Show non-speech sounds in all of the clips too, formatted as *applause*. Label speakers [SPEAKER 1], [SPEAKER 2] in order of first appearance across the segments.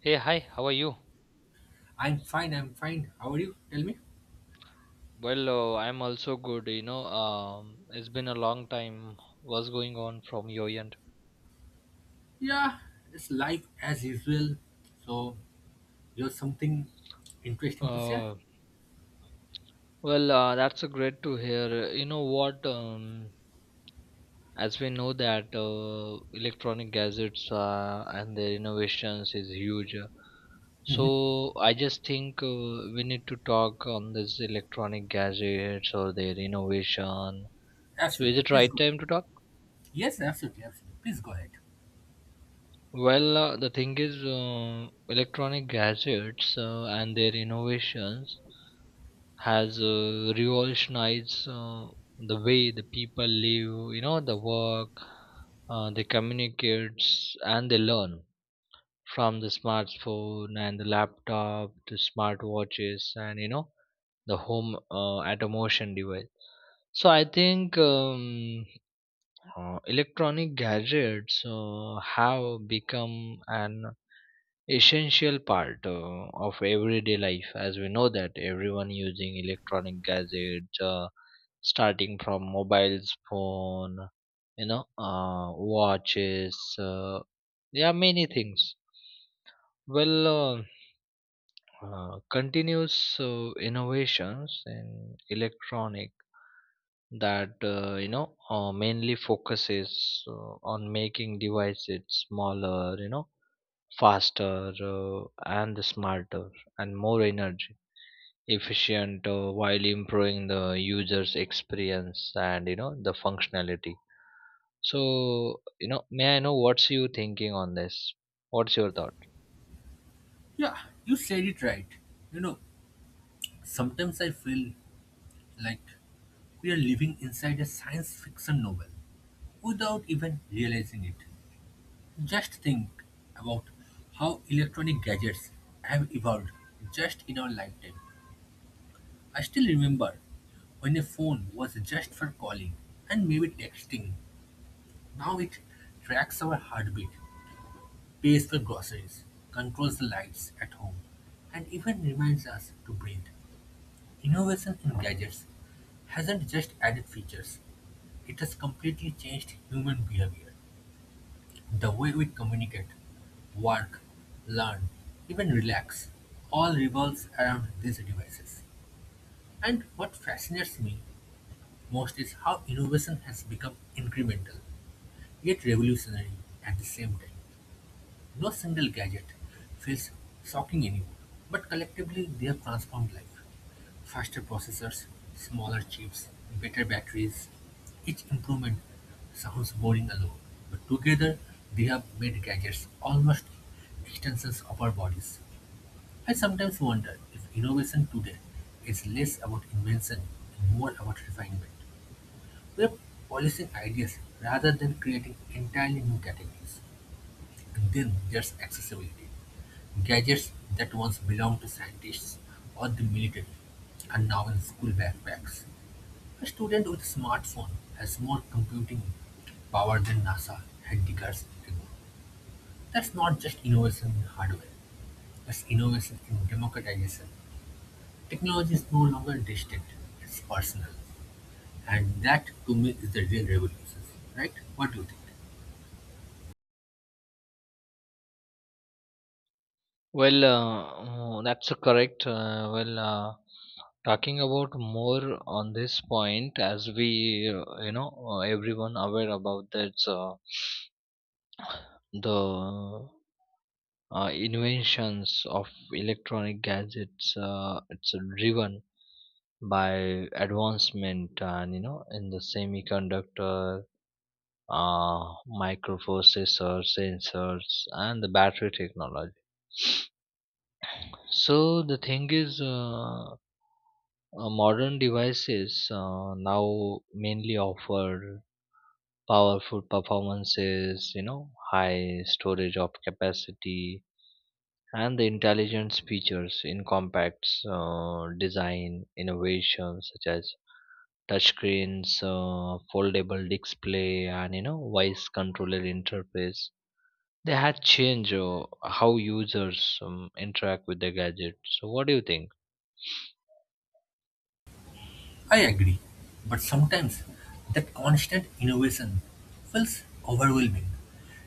[SPEAKER 1] Hey, hi, how are you?
[SPEAKER 2] I'm fine, I'm fine. How are you? Tell me.
[SPEAKER 1] I'm also good, It's been a long time. What's going on from your end?
[SPEAKER 2] Yeah, it's life as usual. So, you have something interesting to share?
[SPEAKER 1] Uh, that's a great to hear. You know what? As we know that electronic gadgets and their innovations is huge. uh,
[SPEAKER 2] Hmm.
[SPEAKER 1] So I just think we need to talk on this electronic gadgets or their innovation. So
[SPEAKER 2] Absolutely.
[SPEAKER 1] is it
[SPEAKER 2] Please
[SPEAKER 1] right
[SPEAKER 2] go.
[SPEAKER 1] time to talk?
[SPEAKER 2] Yes, absolutely, absolutely. Please go ahead.
[SPEAKER 1] The thing is, electronic gadgets and their innovations has revolutionized, the way the people live, you know, the work, they communicate and they learn from the smartphone and the laptop to smartwatches and you know the home automation device. So I think electronic gadgets have become an essential part of everyday life, as we know that everyone using electronic gadgets, starting from mobiles phone, you know, watches, yeah, many things. well uh, Continuous innovations in electronic that, mainly focuses on making devices smaller, you know, faster, and smarter, and more energy efficient, while improving the user's experience and you know the functionality. So you know, may I know what's you thinking on this? What's your thought?
[SPEAKER 2] Yeah, you said it right. You know, Sometimes I feel like we are living inside a science fiction novel without even realizing it. Just think about how electronic gadgets have evolved just in our lifetime. I still remember when a phone was just for calling and maybe texting. Now it tracks our heartbeat, pays for groceries, controls the lights at home, and even reminds us to breathe. Innovation in gadgets hasn't just added features, it has completely changed human behavior. The way we communicate, work, learn, even relax all revolves around these devices. And what fascinates me most is how innovation has become incremental, yet revolutionary at the same time. No single gadget feels shocking anymore, but collectively they have transformed life. Faster processors, smaller chips, better batteries. Each improvement sounds boring alone, but together they have made gadgets almost extensions of our bodies. I sometimes wonder if innovation today is less about invention and more about refinement. We are policing ideas rather than creating entirely new categories. And then there's accessibility. Gadgets that once belonged to scientists or the military are now in school backpacks. A student with a smartphone has more computing power than NASA had decades ago. That's not just innovation in hardware, that's innovation in democratization. Technology is no longer distant, it's personal. And that to me is the real revolution, right? What do you think?
[SPEAKER 1] That's correct. Talking about more on this point, as we, everyone aware about that, the inventions of electronic gadgets, it's driven by advancement and you know in the semiconductor, uh, microprocessor, sensors, and the battery technology. So the thing is, modern devices now mainly offer powerful performances, you know, high storage of capacity and the intelligence features in compacts design. Innovations such as touchscreens, foldable display, and you know voice controller interface, they had changed how users interact with the gadget. So what do you think?
[SPEAKER 2] I agree, but sometimes that constant innovation feels overwhelming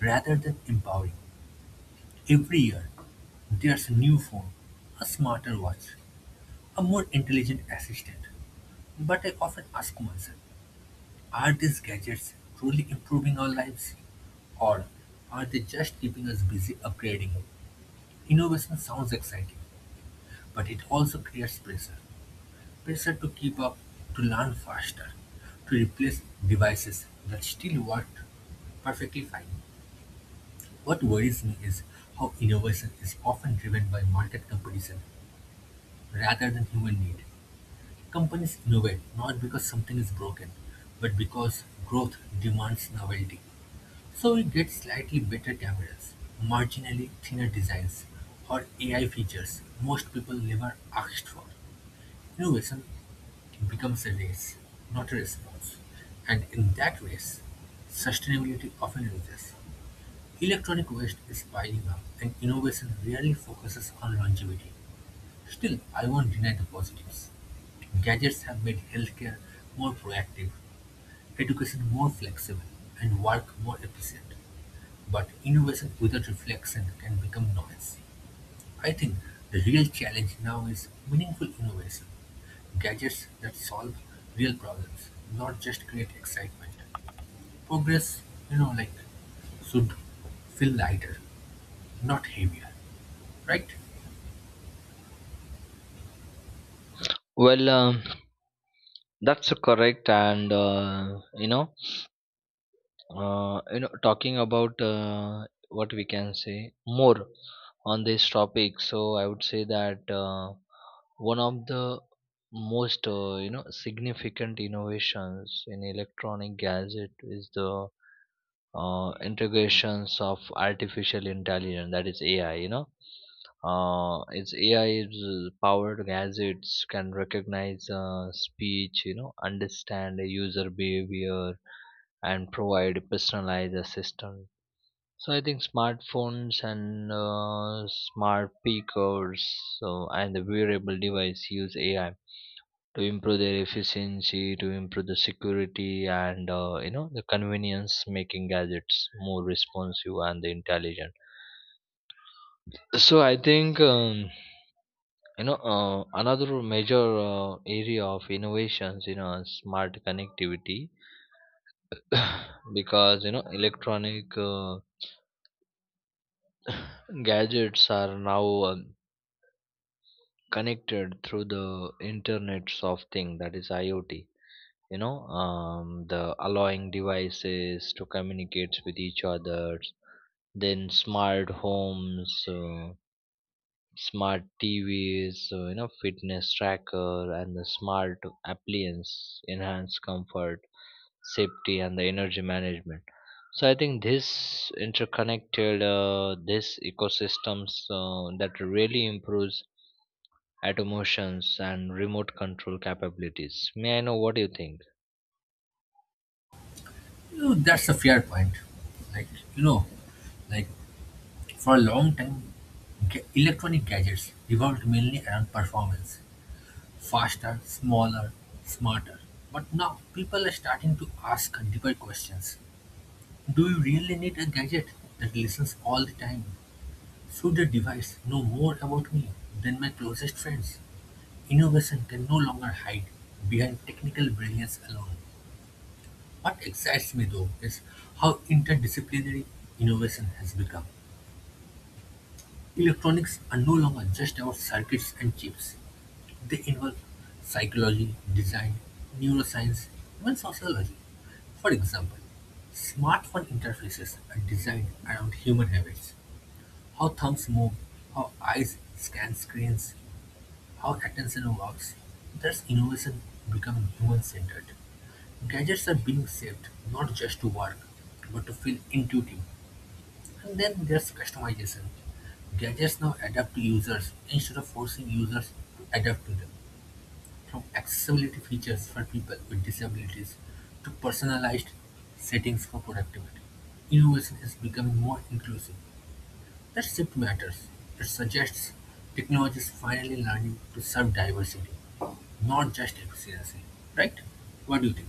[SPEAKER 2] rather than empowering. Every year, there's a new phone, a smarter watch, a more intelligent assistant. But I often ask myself, are these gadgets truly improving our lives? Or are they just keeping us busy upgrading? Innovation sounds exciting, but it also creates pressure. Pressure to keep up, to learn faster, to replace devices that still work perfectly fine. What worries me is how innovation is often driven by market competition rather than human need. Companies innovate not because something is broken, but because growth demands novelty. So we get slightly better cameras, marginally thinner designs, or AI features most people never asked for. Innovation becomes a race, not a response, and in that race, sustainability often loses. Electronic waste is piling up, and innovation rarely focuses on longevity. Still, I won't deny the positives. Gadgets have made healthcare more proactive, education more flexible, and work more efficient. But innovation without reflection can become noise. I think the real challenge now is meaningful innovation. Gadgets that solve real problems, not just create excitement. Progress, you know, like should feel lighter, not heavier, right?
[SPEAKER 1] well um, that's a correct, and you know, talking about, what we can say more on this topic, so I would say that, one of the most, you know, significant innovations in electronic gadget is the integrations of artificial intelligence, that is AI, you know. Uh, It's ai 's powered gadgets can recognize speech, you know, understand the user behavior and provide personalized assistance. So I think smartphones and smart speakers, so, and the wearable device use AI to improve their efficiency, to improve the security, and you know the convenience, making gadgets more responsive and intelligent. So I think, another major area of innovations, you know, smart connectivity, *coughs* *sighs* because you know electronic, *coughs* *sighs* gadgets are now. Connected through the internet of thing, that is IoT, you know, the allowing devices to communicate with each other. Then smart homes, smart TVs, you know, fitness tracker, and the smart appliance enhance comfort, safety, and the energy management. So I think this interconnected this ecosystems, that really improves automations and remote control capabilities. May I know what you think?
[SPEAKER 2] You know, that's a fair point. Like you know, like for a long time, electronic gadgets revolved mainly around performance, faster, smaller, smarter. But now people are starting to ask deeper questions. Do you really need a gadget that listens all the time? Should a device know more about me than my closest friends? Innovation can no longer hide behind technical brilliance alone. What excites me though is how interdisciplinary innovation has become. Electronics are no longer just about circuits and chips. They involve psychology, design, neuroscience, even sociology. For example, smartphone interfaces are designed around human habits, how thumbs move, how eyes scan screens, how attention works. Thus innovation becoming human-centered. Gadgets are being shaped not just to work, but to feel intuitive. And then there's customization. Gadgets now adapt to users instead of forcing users to adapt to them. From accessibility features for people with disabilities to personalized settings for productivity, innovation is becoming more inclusive. That shift matters; it suggests technology is finally learning to serve diversity, not just efficiency, right? What do you think?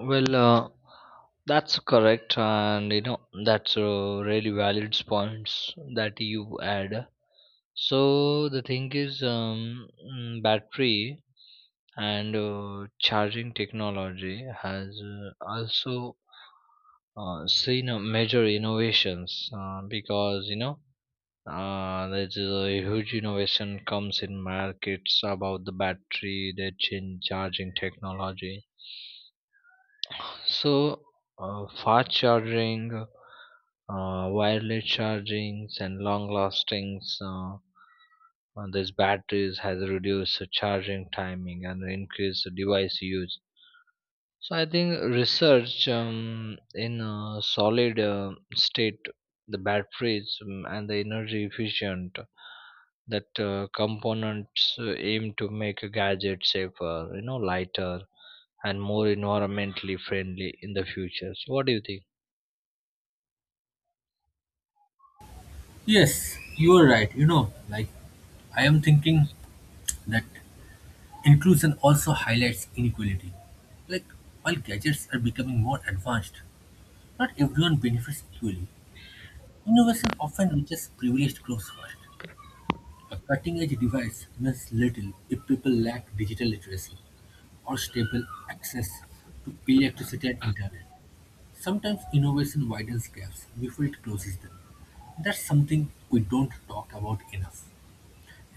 [SPEAKER 1] Well, uh, that's correct, and you know that's really valid points that you add. So the thing is, battery and charging technology has also seen major innovations, because you know, there's a huge innovation comes in markets about the battery, the chin charging technology. So, fast charging, wireless chargings, and long lastings. These batteries has reduced the charging timing and increased the device use. So, I think research, in solid state the batteries, and the energy efficient that components aim to make a gadget safer, you know, lighter and more environmentally friendly in the future. So what do you think?
[SPEAKER 2] Yes, you are right. I am thinking that inclusion also highlights inequality. Like while gadgets are becoming more advanced, not everyone benefits equally. Innovation often reaches privileged groups first. A cutting edge device means little if people lack digital literacy, or stable access to electricity and internet. Sometimes innovation widens gaps before it closes them. That's something we don't talk about enough.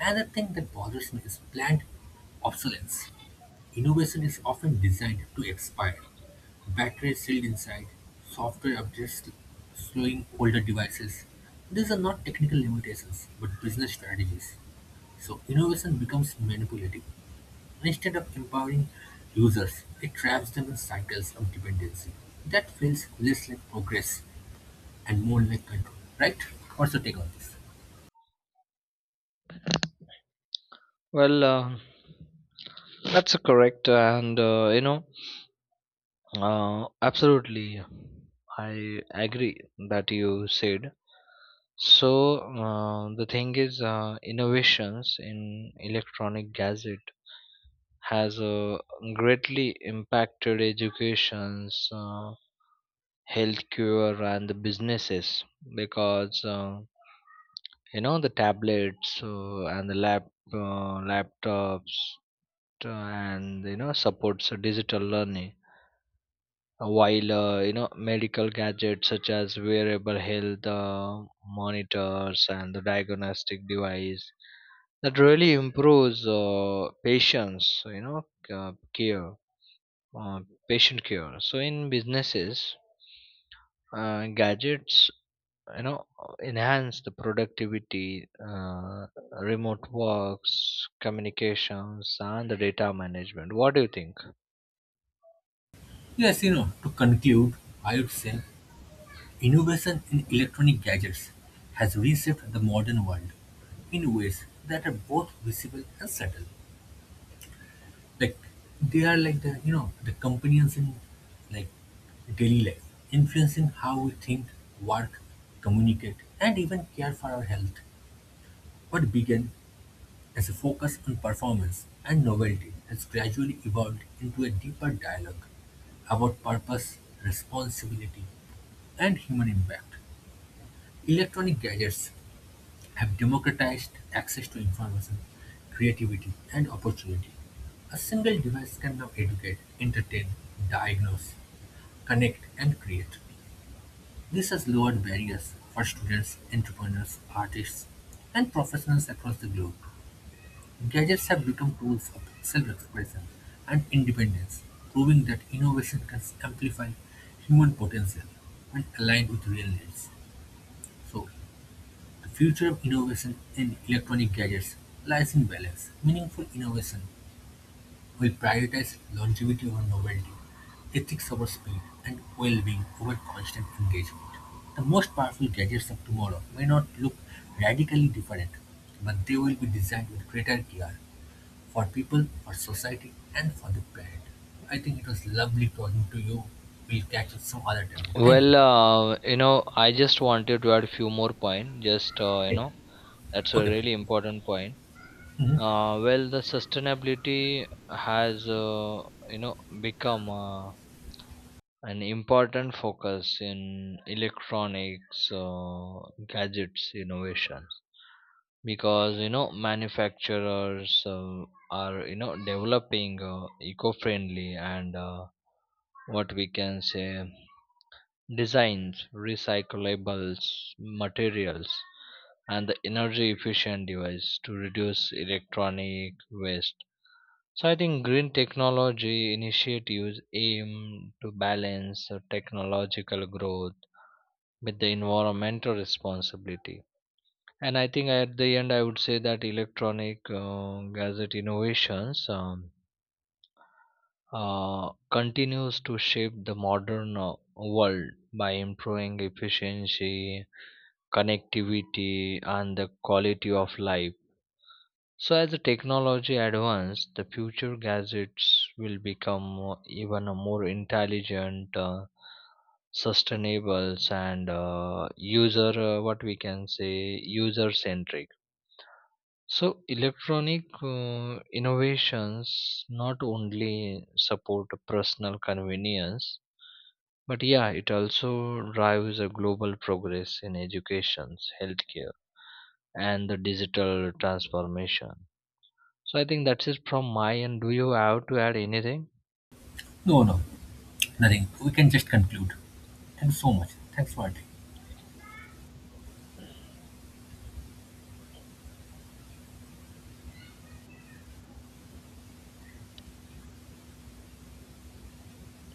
[SPEAKER 2] Another thing that bothers me is planned obsolescence. Innovation is often designed to expire. Batteries sealed inside, software updates slowing older devices. These are not technical limitations, but business strategies. So innovation becomes manipulative. Instead of empowering users, it traps them in cycles of dependency. That feels less like progress and more like control, right? What's your take on this?
[SPEAKER 1] Well, uh, that's correct, and absolutely, I agree that you said. So the thing is, innovations in electronic gadget has greatly impacted educations, healthcare, and the businesses, because you know, the tablets and the laptops, and you know supports digital learning. While you know medical gadgets such as wearable health monitors and the diagnostic device, that really improves patients you know uh, care uh, patient care. So in businesses, gadgets, you know, enhance the productivity, remote works, communications, and the data management. What do you think?
[SPEAKER 2] Yes, to conclude, I would say innovation in electronic gadgets has reshaped the modern world in ways that are both visible and subtle. Like they are like the you know the companions in like daily life, influencing how we think, work, communicate, and even care for our health. What began as a focus on performance and novelty has gradually evolved into a deeper dialogue about purpose, responsibility, and human impact. Electronic gadgets have democratized access to information, creativity, and opportunity. A single device can now educate, entertain, diagnose, connect, and create. This has lowered barriers for students, entrepreneurs, artists, and professionals across the globe. Gadgets have become tools of self-expression and independence, proving that innovation can amplify human potential when aligned with real needs. So, the future of innovation in electronic gadgets lies in balance. Meaningful innovation will prioritize longevity over novelty, ethics over speed, and well-being over constant engagement. The most powerful gadgets of tomorrow may not look radically different, but they will be designed with greater care for people, for society, and for the planet. I think it was lovely talking to you. We'll catch up some other time. Thank you.
[SPEAKER 1] Well, uh, you know, I just wanted to add few more point. Just,
[SPEAKER 2] Okay,
[SPEAKER 1] that's a
[SPEAKER 2] okay, please.
[SPEAKER 1] really important point.
[SPEAKER 2] Mhm.
[SPEAKER 1] The sustainability has, you know, become. An important focus in electronics gadgets innovations, because you know manufacturers are, you know, developing eco-friendly and, what we can say, designs, recyclables materials, and the energy efficient device to reduce electronic waste. So I think green technology initiatives aim to balance the technological growth with the environmental responsibility. And I think at the end, I would say that electronic gadget innovations continues to shape the modern world by improving efficiency, connectivity, and the quality of life. So, as the technology advances, the future gadgets will become even a more intelligent, sustainable, and user what we can say user centric. So, electronic innovations not only support personal convenience, but yeah, it also drives a global progress in education, healthcare, and the digital transformation. So I think that's it from my end. Do you have to add anything?
[SPEAKER 2] No, no, nothing. We can just conclude. Thanks so much. Thanks for attending.